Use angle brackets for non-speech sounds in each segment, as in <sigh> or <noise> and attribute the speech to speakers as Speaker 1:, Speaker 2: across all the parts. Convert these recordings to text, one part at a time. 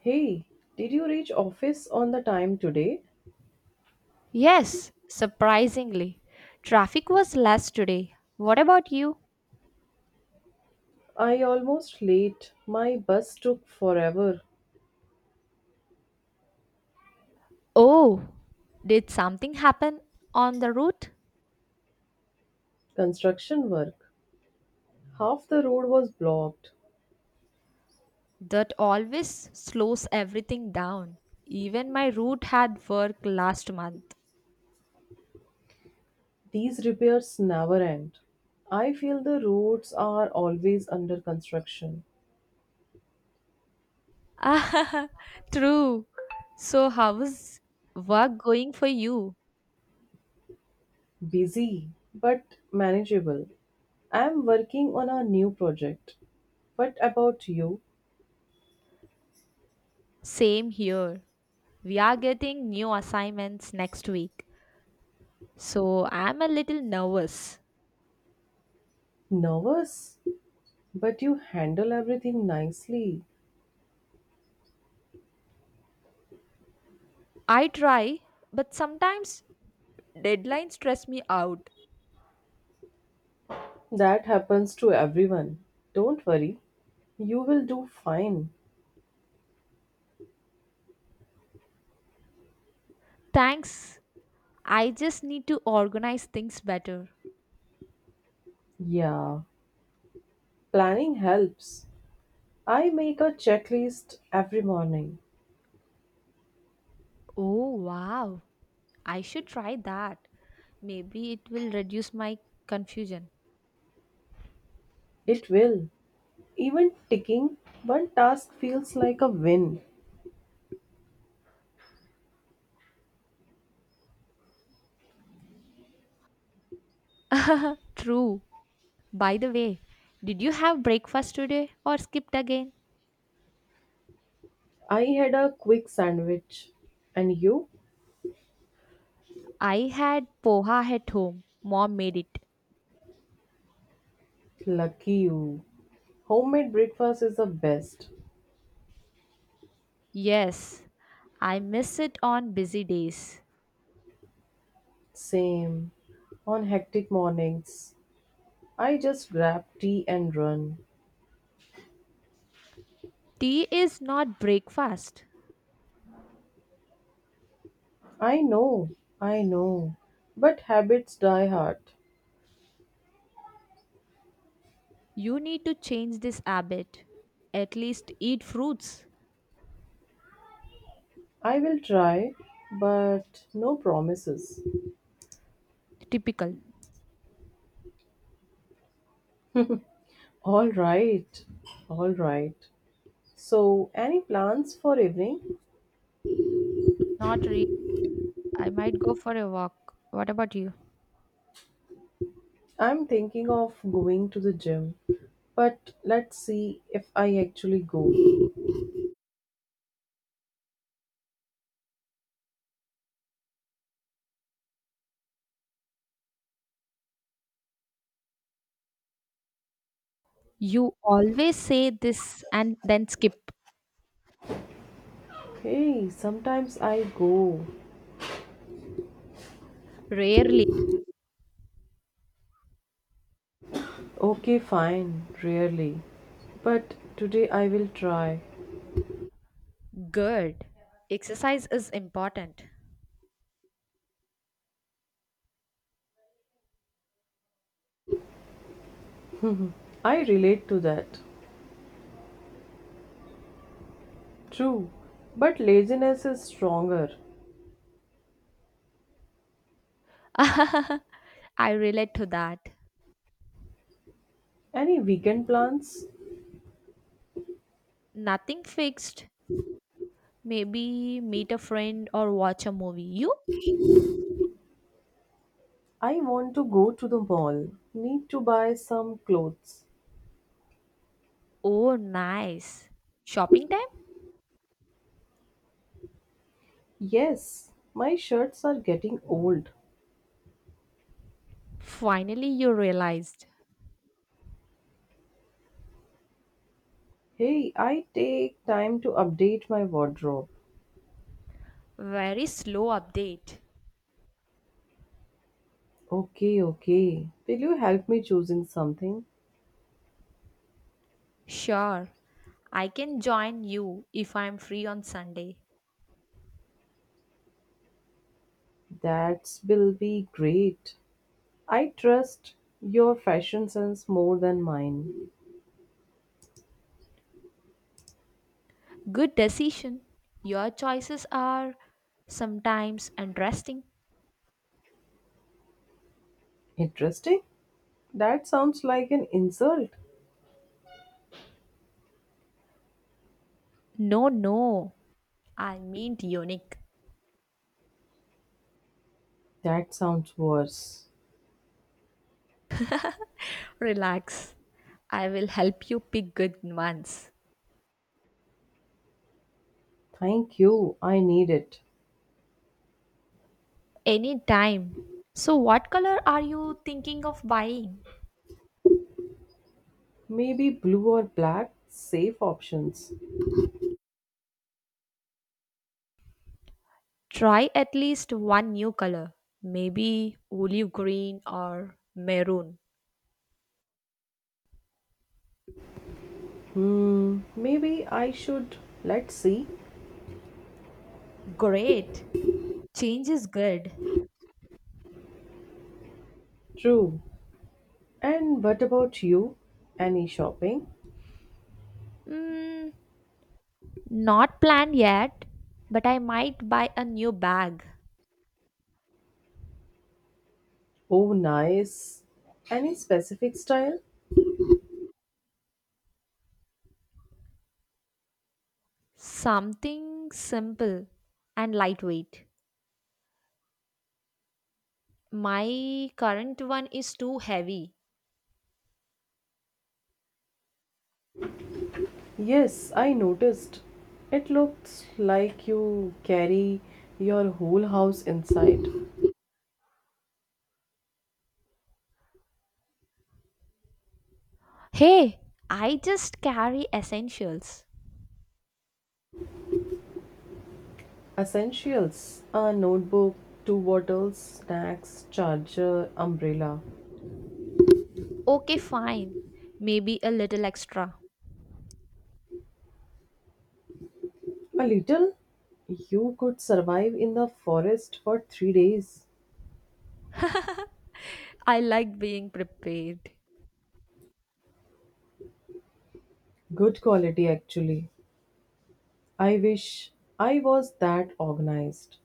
Speaker 1: Hey, did you reach office on the time today?
Speaker 2: Yes, surprisingly. Traffic was less today. What about you?
Speaker 1: I almost late. My bus took forever.
Speaker 2: Oh, did something happen on the route?
Speaker 1: Construction work. Half the road was blocked.
Speaker 2: That always slows everything down. Even my route had work last month.
Speaker 1: These repairs never end. I feel the roads are always under construction.
Speaker 2: Ah, <laughs> true. So, how's work going for you?
Speaker 1: Busy, but manageable. I am working on a new project. What about you?
Speaker 2: Same here. We are getting new assignments next week. So, I'm a little nervous.
Speaker 1: Nervous? But you handle everything nicely.
Speaker 2: I try, but sometimes deadlines stress me out.
Speaker 1: That happens to everyone. Don't worry. You will do fine.
Speaker 2: Thanks. I just need to organize things better.
Speaker 1: Yeah, planning helps. I make a checklist every morning.
Speaker 2: Oh, wow. I should try that. Maybe it will reduce my confusion.
Speaker 1: It will. Even ticking one task feels like a win.
Speaker 2: <laughs> True. By the way, did you have breakfast today or skipped again?
Speaker 1: I had a quick sandwich. And you?
Speaker 2: I had poha at home. Mom made it.
Speaker 1: Lucky you. Homemade breakfast is the best.
Speaker 2: Yes, I miss it on busy days.
Speaker 1: Same. On hectic mornings, I just grab tea and run.
Speaker 2: Tea is not breakfast.
Speaker 1: I know, I know. But habits die hard.
Speaker 2: You need to change this habit. At least eat fruits.
Speaker 1: I will try, but no promises.
Speaker 2: Typical.
Speaker 1: All right, all right. So, any plans for evening?
Speaker 2: Not really. I might go for a walk. What about you?
Speaker 1: I'm thinking of going to the gym, but let's see if I actually go.
Speaker 2: You always say this and then skip.
Speaker 1: Hey, sometimes I go.
Speaker 2: Rarely.
Speaker 1: Okay, fine, rarely. But today I will try.
Speaker 2: Good. Exercise is important.
Speaker 1: I relate to that. True, but laziness is stronger.
Speaker 2: <laughs> I relate to that.
Speaker 1: Any weekend plans?
Speaker 2: Nothing fixed. Maybe meet a friend or watch a movie. You?
Speaker 1: I want to go to the mall. Need to buy some clothes.
Speaker 2: Oh, nice. Shopping time?
Speaker 1: Yes, my shirts are getting old.
Speaker 2: Finally, you realized.
Speaker 1: Hey, I take time to update my wardrobe.
Speaker 2: Very slow update.
Speaker 1: Okay, okay. Will you help me choosing something?
Speaker 2: Sure, I can join you if I'm free on Sunday.
Speaker 1: That will be great. I trust your fashion sense more than mine.
Speaker 2: Good decision. Your choices are sometimes interesting.
Speaker 1: Interesting? That sounds like an insult.
Speaker 2: No, no, I mean unique.
Speaker 1: That sounds worse.
Speaker 2: Relax. I will help you pick good ones.
Speaker 1: Thank you. I need it.
Speaker 2: Anytime. So, what color are you thinking of buying?
Speaker 1: Maybe blue or black, safe options.
Speaker 2: Try at least one new color. Maybe olive green or maroon.
Speaker 1: Hmm, maybe I should. Let's see.
Speaker 2: Great. Change is good.
Speaker 1: True. And what about you? Any shopping?
Speaker 2: Mm, not planned yet, but I might buy a new bag.
Speaker 1: Oh, nice. Any specific style?
Speaker 2: Something simple and lightweight. My current one is too heavy.
Speaker 1: Yes, I noticed. It looks like you carry your whole house inside.
Speaker 2: Hey, I just carry essentials.
Speaker 1: Essentials a notebook, two bottles, snacks, charger, umbrella.
Speaker 2: Okay, fine. Maybe a little extra.
Speaker 1: A little. You could survive in the forest for 3 days.
Speaker 2: I like being prepared.
Speaker 1: Good quality, actually. I wish I was that organized.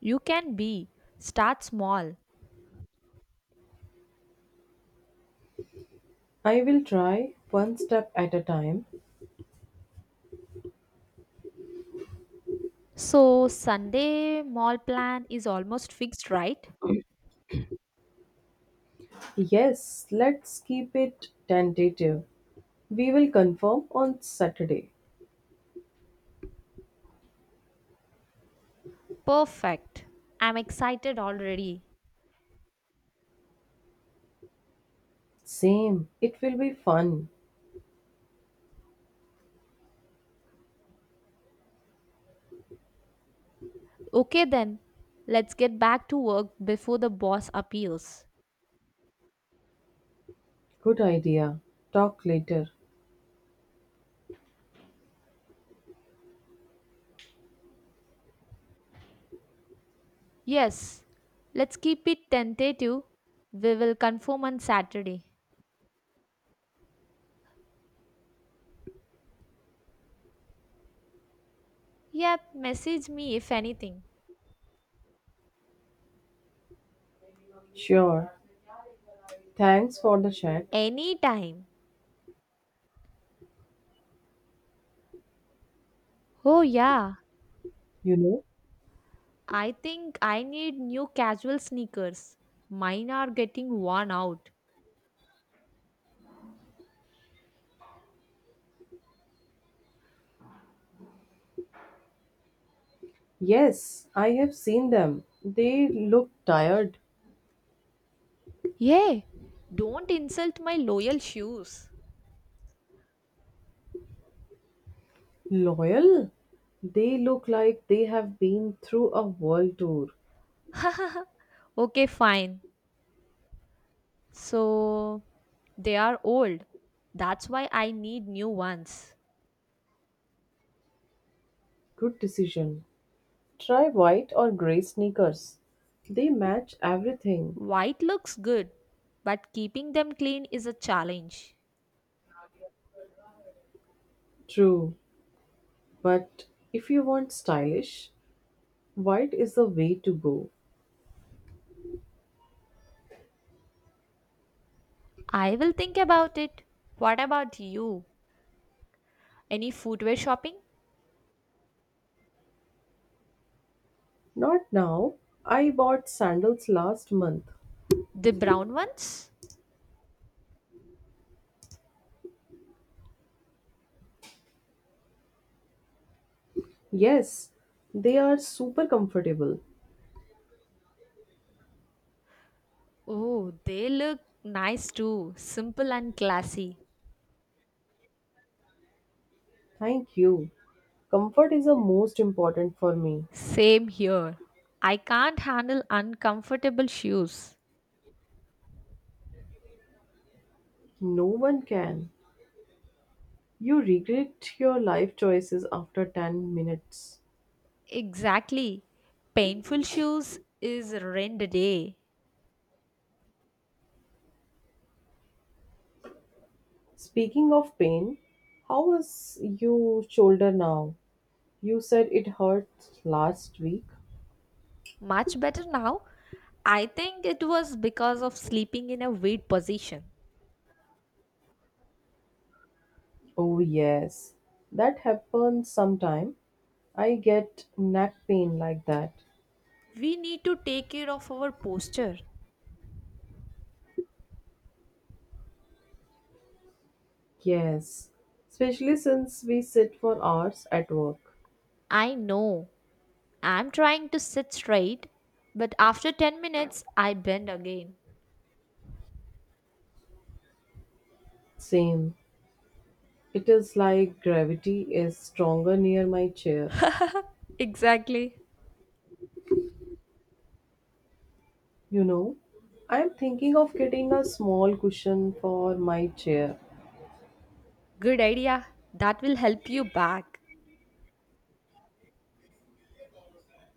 Speaker 2: You can be. Start small.
Speaker 1: I will try one step at a time.
Speaker 2: So, Sunday mall plan is almost fixed, right?
Speaker 1: Yes, let's keep it tentative. We will confirm on Saturday.
Speaker 2: Perfect. I'm excited already.
Speaker 1: Same. It will be fun.
Speaker 2: Okay, then. Let's get back to work before the boss appears.
Speaker 1: Good idea. Talk later.
Speaker 2: Yes, let's keep it tentative. We will confirm on Saturday. Yep, message me if anything.
Speaker 1: Sure. Thanks for the chat.
Speaker 2: Anytime. Oh, yeah.
Speaker 1: You know?
Speaker 2: I think I need new casual sneakers. Mine are getting worn out.
Speaker 1: Yes, I have seen them. They look tired.
Speaker 2: Yeah, don't insult my loyal shoes.
Speaker 1: Loyal? They look like they have been through a world tour.
Speaker 2: <laughs> Okay, fine. So, they are old. That's why I need new ones.
Speaker 1: Good decision. Try white or grey sneakers. They match everything.
Speaker 2: White looks good, but keeping them clean is a challenge.
Speaker 1: True, but if you want stylish, white is the way to go.
Speaker 2: I will think about it. What about you? Any footwear shopping?
Speaker 1: Not now. I bought sandals last month.
Speaker 2: The brown ones?
Speaker 1: Yes, they are super comfortable.
Speaker 2: Oh, they look nice too. Simple and classy.
Speaker 1: Thank you. Comfort is the most important for me.
Speaker 2: Same here. I can't handle uncomfortable shoes.
Speaker 1: No one can. You regret your life choices after 10 minutes.
Speaker 2: Exactly. Painful shoes is rent a day.
Speaker 1: Speaking of pain, how is your shoulder now? You said it hurt last week.
Speaker 2: Much better now. I think it was because of sleeping in a weird position.
Speaker 1: Oh, yes. That happens sometime. I get neck pain like that.
Speaker 2: We need to take care of our posture.
Speaker 1: Yes. Especially since we sit for hours at work.
Speaker 2: I know. I'm trying to sit straight, but after 10 minutes, I bend again.
Speaker 1: Same. It is like gravity is stronger near my chair.
Speaker 2: <laughs> Exactly.
Speaker 1: You know, I am thinking of getting a small cushion for my chair.
Speaker 2: Good idea. That will help you back.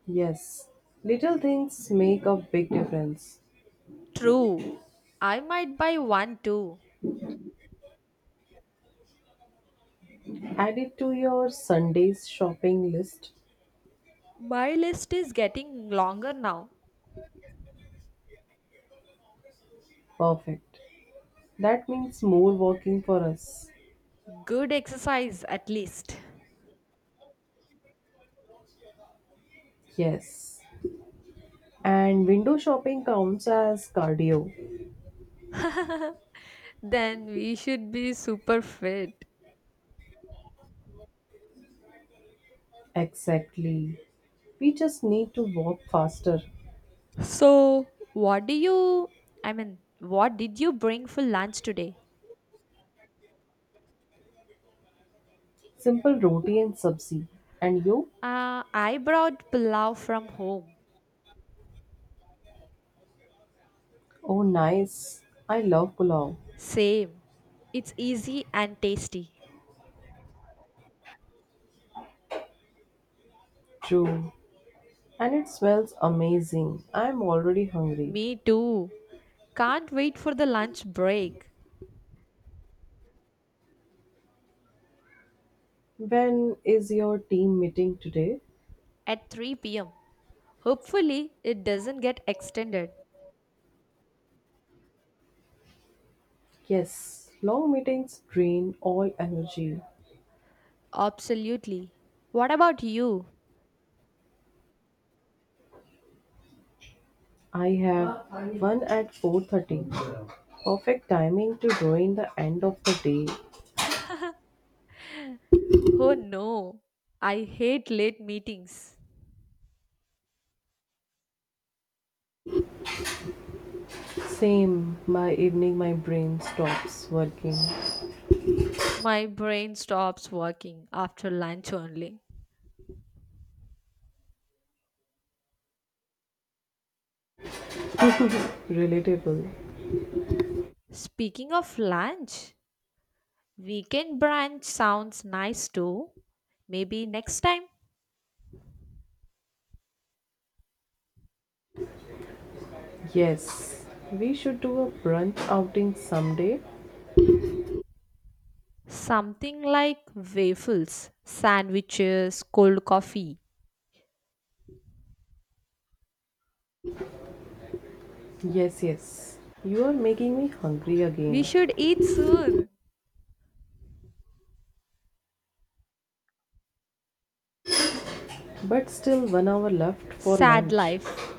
Speaker 1: Yes, little things make a big difference.
Speaker 2: True. I might buy one too.
Speaker 1: Add it to your Sunday's shopping list.
Speaker 2: My list is getting longer now.
Speaker 1: Perfect. That means more walking for us.
Speaker 2: Good exercise, at least.
Speaker 1: Yes. And window shopping counts as cardio.
Speaker 2: <laughs> Then we should be super fit.
Speaker 1: Exactly. We just need to walk faster.
Speaker 2: So, what do you, I mean, what did you bring for lunch today?
Speaker 1: Simple roti and sabzi. And you?
Speaker 2: I brought pulao from home.
Speaker 1: Oh, nice. I love pulao.
Speaker 2: Same. It's easy and tasty.
Speaker 1: True. And it smells amazing. I'm already hungry.
Speaker 2: Me too. Can't wait for the lunch break
Speaker 1: When is your team meeting today?
Speaker 2: at 3 pm. Hopefully, it doesn't get extended.
Speaker 1: Yes, long meetings drain all energy.
Speaker 2: Absolutely. What about you?
Speaker 1: I have one at 4:30. Perfect timing to join the end of the day.
Speaker 2: <laughs> Oh no. I hate late meetings.
Speaker 1: Same, by evening my brain stops working.
Speaker 2: My brain stops working after lunch only.
Speaker 1: Relatable.
Speaker 2: Speaking of lunch, weekend brunch sounds nice too. Maybe next time.
Speaker 1: Yes, we should do a brunch outing someday.
Speaker 2: Something like waffles, sandwiches, cold coffee.
Speaker 1: Yes, yes. You are making me hungry
Speaker 2: We
Speaker 1: again.
Speaker 2: should eat soon.
Speaker 1: But still, 1 hour left for
Speaker 2: Sad
Speaker 1: lunch.
Speaker 2: life.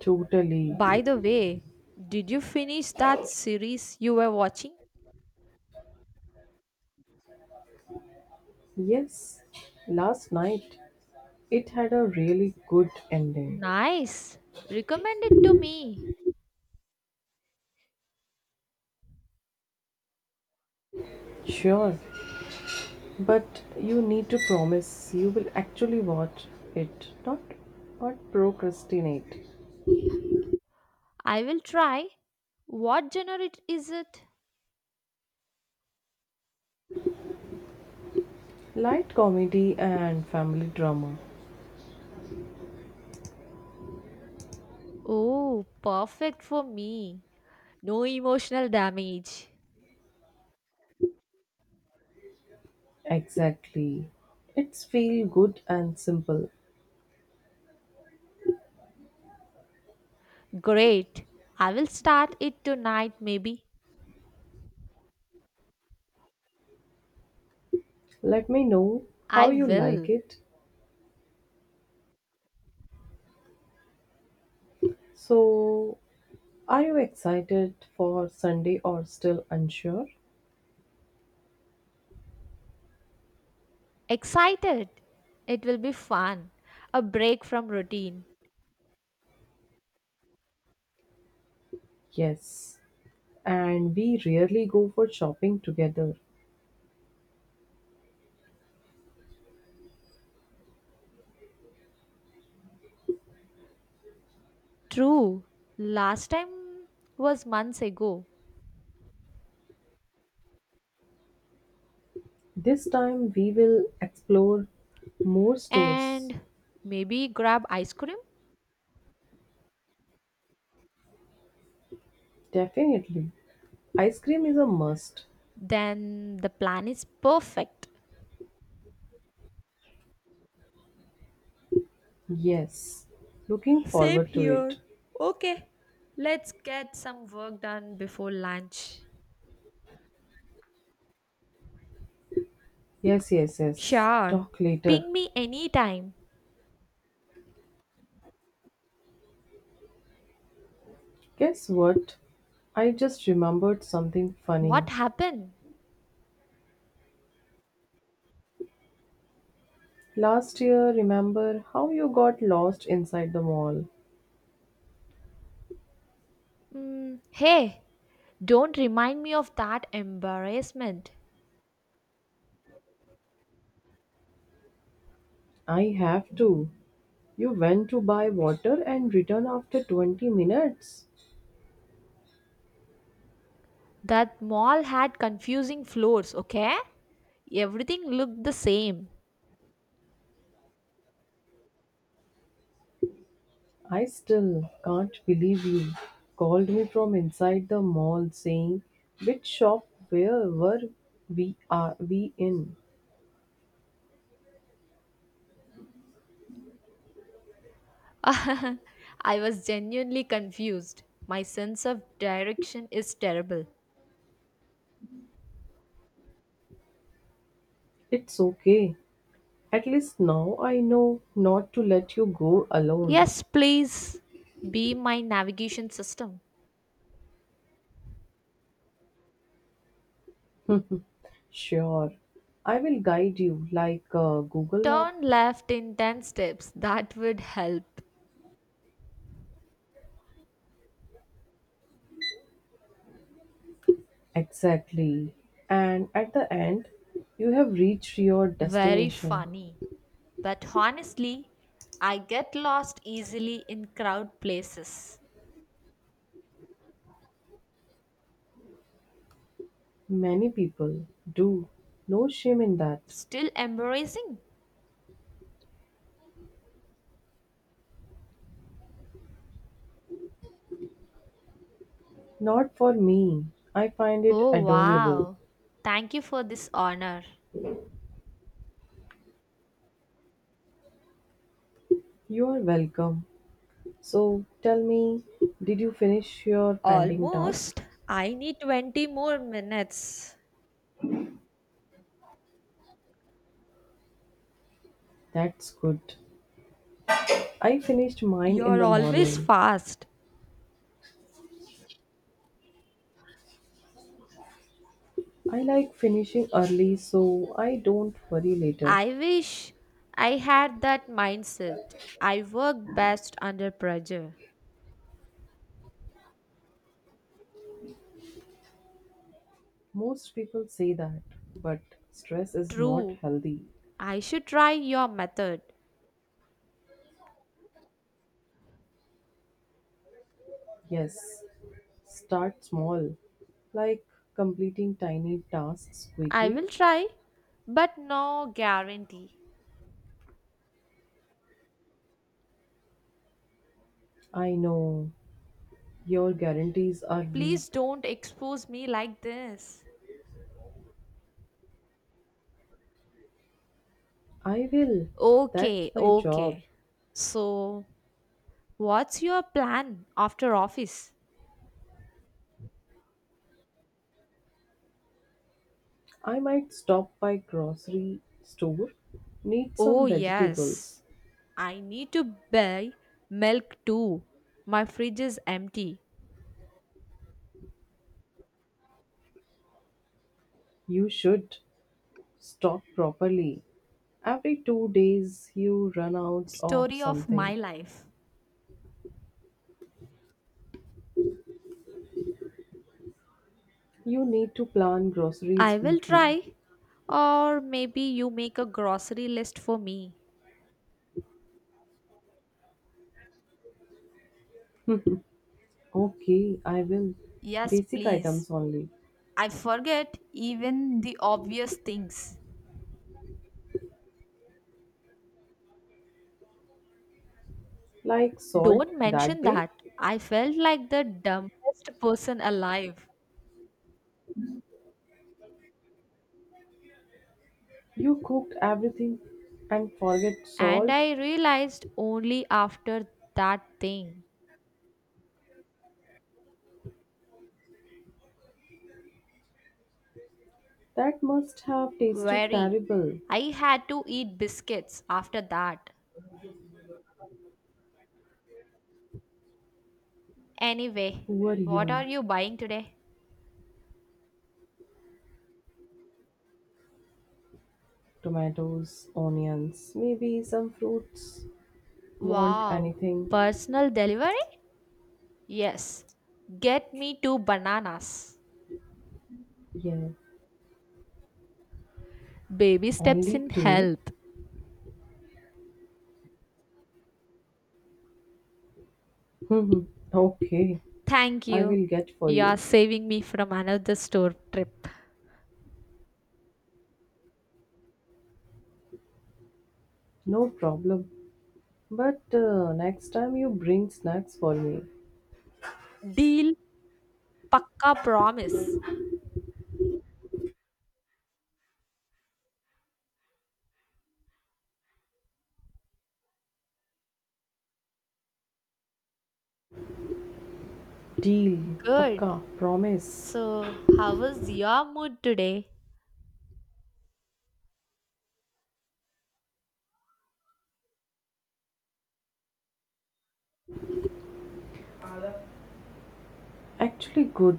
Speaker 1: Totally.
Speaker 2: By the way, did you finish that series you were watching?
Speaker 1: Yes, last night it had a really good ending.
Speaker 2: Nice. Recommend it to me.
Speaker 1: Sure, but you need to promise you will actually watch it, not procrastinate.
Speaker 2: I will try. What is it?
Speaker 1: Light comedy and family drama.
Speaker 2: Oh, perfect for me. No emotional damage.
Speaker 1: Exactly. It's feel good and simple.
Speaker 2: Great. I will start it tonight, maybe.
Speaker 1: Let me know how
Speaker 2: I
Speaker 1: you like
Speaker 2: will.
Speaker 1: it. So, are you excited for Sunday or still unsure?
Speaker 2: Excited! It will be fun. A break from routine.
Speaker 1: Yes, and we rarely go for shopping together.
Speaker 2: True. Last time was months ago.
Speaker 1: This time we will explore more stores.
Speaker 2: And maybe grab ice cream?
Speaker 1: Definitely. Ice cream is a must.
Speaker 2: Then the plan is perfect.
Speaker 1: Yes. Looking
Speaker 2: Same
Speaker 1: forward to it.
Speaker 2: here. Okay. Let's get some work done before lunch.
Speaker 1: Yes, yes, yes.
Speaker 2: Sure.
Speaker 1: Talk later.
Speaker 2: Ping me anytime.
Speaker 1: Guess what? I just remembered something funny.
Speaker 2: What happened?
Speaker 1: Last year, remember how you got lost inside the mall?
Speaker 2: Hey, don't remind me of that embarrassment.
Speaker 1: I have to. You went to buy water and returned after 20 minutes.
Speaker 2: That mall had confusing floors, okay? Everything looked the same.
Speaker 1: I still can't believe you called me from inside the mall saying, which shop where were we are we in?
Speaker 2: <laughs> I was genuinely confused. My sense of direction is terrible.
Speaker 1: It's okay. At least now I know not to let you go alone.
Speaker 2: Yes, please be my navigation system.
Speaker 1: Sure. I will guide you like a Google map.
Speaker 2: Turn left in 10 steps. That would help.
Speaker 1: Exactly. And at the end, you have reached your
Speaker 2: Very
Speaker 1: destination.
Speaker 2: funny. But honestly, I get lost easily in crowd places.
Speaker 1: Many people do. No shame in that.
Speaker 2: Still embarrassing?
Speaker 1: Not for me. I find it
Speaker 2: Oh
Speaker 1: adorable.
Speaker 2: wow. Thank you for this honor.
Speaker 1: You are welcome. So tell me, did you finish your pending task?
Speaker 2: Almost. I need 20 more minutes.
Speaker 1: That's good. I finished mine in
Speaker 2: You're
Speaker 1: the
Speaker 2: always
Speaker 1: morning.
Speaker 2: fast.
Speaker 1: I like finishing early so I don't worry later.
Speaker 2: I wish I had that mindset. I work best under pressure.
Speaker 1: Most people say that, but stress is not
Speaker 2: True,
Speaker 1: healthy.
Speaker 2: I should try your method.
Speaker 1: Yes, start small, like completing tiny tasks
Speaker 2: I
Speaker 1: quickly.
Speaker 2: will try, but no guarantee.
Speaker 1: I know your guarantees are weak.
Speaker 2: Please don't expose me like this.
Speaker 1: I will. That's
Speaker 2: Okay,
Speaker 1: my job.
Speaker 2: okay. So, what's your plan after office?
Speaker 1: I might stop by grocery store, need
Speaker 2: Oh,
Speaker 1: some
Speaker 2: yes.
Speaker 1: vegetables.
Speaker 2: I need to buy milk too. My fridge is empty.
Speaker 1: You should stock properly. Every 2 days you run out of
Speaker 2: Story of
Speaker 1: something.
Speaker 2: my life.
Speaker 1: You need to plan groceries
Speaker 2: I will
Speaker 1: weekly.
Speaker 2: try. Or maybe you make a grocery list for me.
Speaker 1: Okay, I will.
Speaker 2: Yes,
Speaker 1: Basic
Speaker 2: please.
Speaker 1: items only.
Speaker 2: I forget even the obvious things.
Speaker 1: Like salt
Speaker 2: Don't
Speaker 1: that
Speaker 2: mention
Speaker 1: day.
Speaker 2: that. I felt like the dumbest person alive.
Speaker 1: You cooked everything and forget
Speaker 2: And
Speaker 1: salt.
Speaker 2: I realized only after that thing.
Speaker 1: That must have tasted
Speaker 2: Very.
Speaker 1: terrible.
Speaker 2: I had to eat biscuits after that. Anyway,
Speaker 1: Who are
Speaker 2: what are
Speaker 1: you?
Speaker 2: you buying today?
Speaker 1: Tomatoes, onions, maybe some fruits. Want
Speaker 2: Wow,
Speaker 1: anything?
Speaker 2: personal delivery? Yes, get me 2 bananas.
Speaker 1: Yeah,
Speaker 2: Baby steps
Speaker 1: only
Speaker 2: in
Speaker 1: two?
Speaker 2: health.
Speaker 1: Hmm, okay,
Speaker 2: Thank
Speaker 1: I
Speaker 2: you.
Speaker 1: will get for
Speaker 2: You are
Speaker 1: you.
Speaker 2: saving me from another store trip.
Speaker 1: No problem. But next time you bring snacks for me.
Speaker 2: Deal. Pakka promise.
Speaker 1: Deal,
Speaker 2: Good.
Speaker 1: pakka, promise.
Speaker 2: So, how was your mood today?
Speaker 1: Actually, good.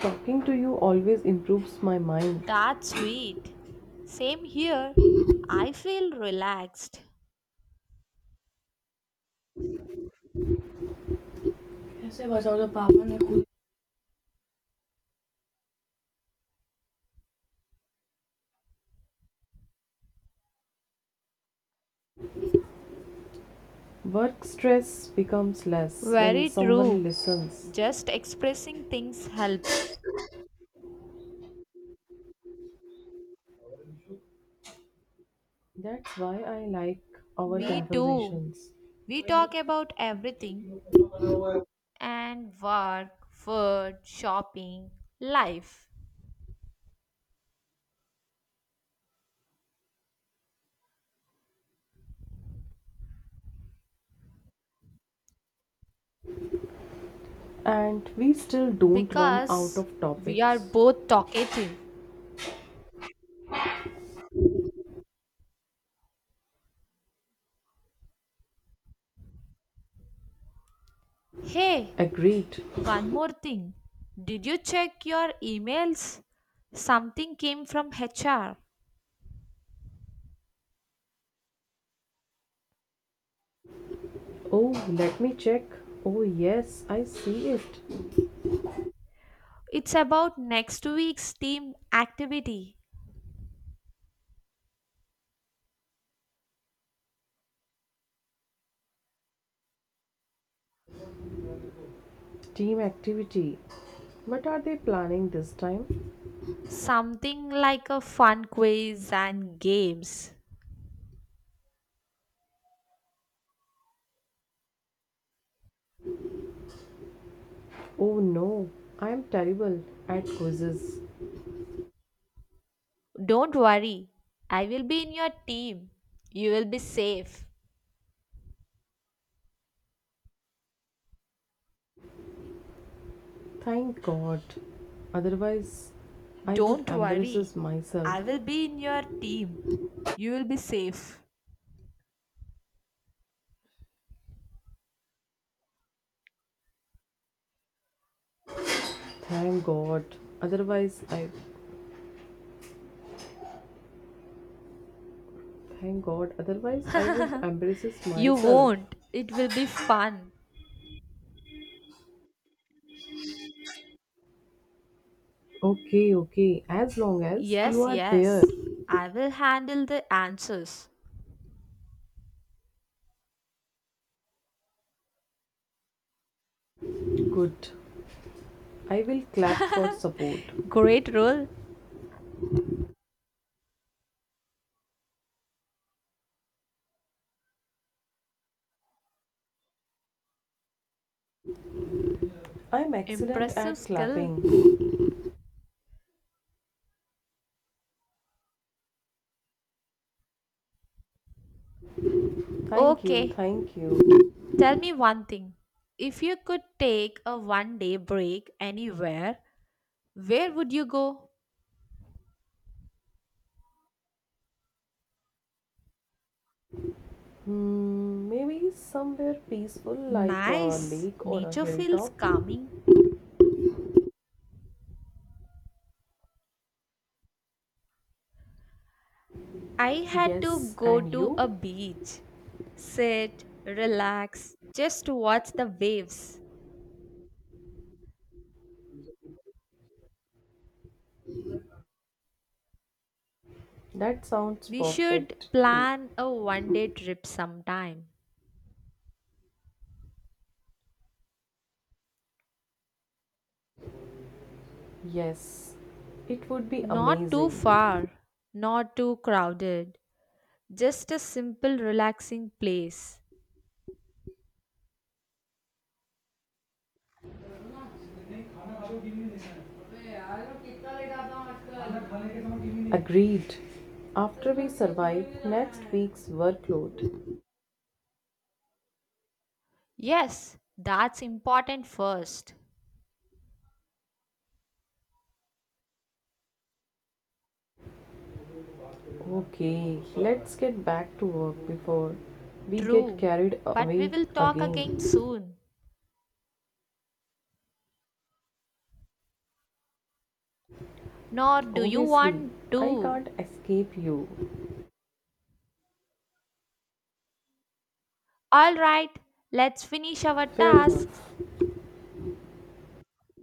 Speaker 1: Talking to you always improves my mind.
Speaker 2: That's sweet. Same here. I feel relaxed.
Speaker 1: ऐसे बताओ तो पापा ने खुद work stress becomes less when
Speaker 2: Very
Speaker 1: someone
Speaker 2: true.
Speaker 1: listens.
Speaker 2: Just expressing things helps.
Speaker 1: That's why I like our
Speaker 2: Me too.
Speaker 1: conversations.
Speaker 2: We talk about everything and work, food, shopping, life
Speaker 1: And we still don't run out
Speaker 2: because
Speaker 1: of
Speaker 2: we are
Speaker 1: topics.
Speaker 2: both talkative. Hey,
Speaker 1: Agreed.
Speaker 2: one more thing. Did you check your emails? Something came from HR.
Speaker 1: Oh, let me check. Oh, yes, I see it.
Speaker 2: It's about next week's team activity.
Speaker 1: Team activity. What are they planning this time?
Speaker 2: Something like a fun quiz and games.
Speaker 1: Oh no, I am terrible at quizzes.
Speaker 2: Don't worry, I will be in your team. You will be safe.
Speaker 1: Thank God. Otherwise, I would
Speaker 2: Don't
Speaker 1: embarrass
Speaker 2: worry,
Speaker 1: myself.
Speaker 2: I will be in your team. You will be safe.
Speaker 1: Thank God. Otherwise, I. Thank God. Otherwise, I would embarrass
Speaker 2: You
Speaker 1: myself.
Speaker 2: won't. It will be fun.
Speaker 1: Okay, okay. As long as you
Speaker 2: Yes,
Speaker 1: are there.
Speaker 2: yes, I will handle the answers.
Speaker 1: Good. I will clap for support.
Speaker 2: Great role.
Speaker 1: I'm excellent
Speaker 2: Impressive
Speaker 1: at
Speaker 2: skill.
Speaker 1: clapping. Thank you,
Speaker 2: Okay,
Speaker 1: thank you.
Speaker 2: tell me one thing. If you could take a one day break anywhere, where would you go?
Speaker 1: Hmm, maybe somewhere peaceful like a
Speaker 2: Nice.
Speaker 1: lake or a
Speaker 2: Nature feels
Speaker 1: hilltop.
Speaker 2: calming. I had to
Speaker 1: Yes,
Speaker 2: go
Speaker 1: and
Speaker 2: to a
Speaker 1: you?
Speaker 2: beach, sit, relax, just watch the waves.
Speaker 1: That sounds
Speaker 2: We should
Speaker 1: perfect too.
Speaker 2: plan a one day trip sometime.
Speaker 1: Yes, it would be
Speaker 2: Not too
Speaker 1: amazing.
Speaker 2: far, not too crowded, just a simple, relaxing place.
Speaker 1: Agreed. After we survive next week's workload.
Speaker 2: Yes, that's important first.
Speaker 1: Okay, let's get back to work before we get
Speaker 2: True,
Speaker 1: carried
Speaker 2: but we
Speaker 1: away
Speaker 2: will talk again
Speaker 1: again.
Speaker 2: soon. Nor do you
Speaker 1: Obviously,
Speaker 2: want
Speaker 1: I
Speaker 2: to.
Speaker 1: can't escape you.
Speaker 2: Alright, let's finish our
Speaker 1: Fair
Speaker 2: tasks.
Speaker 1: enough.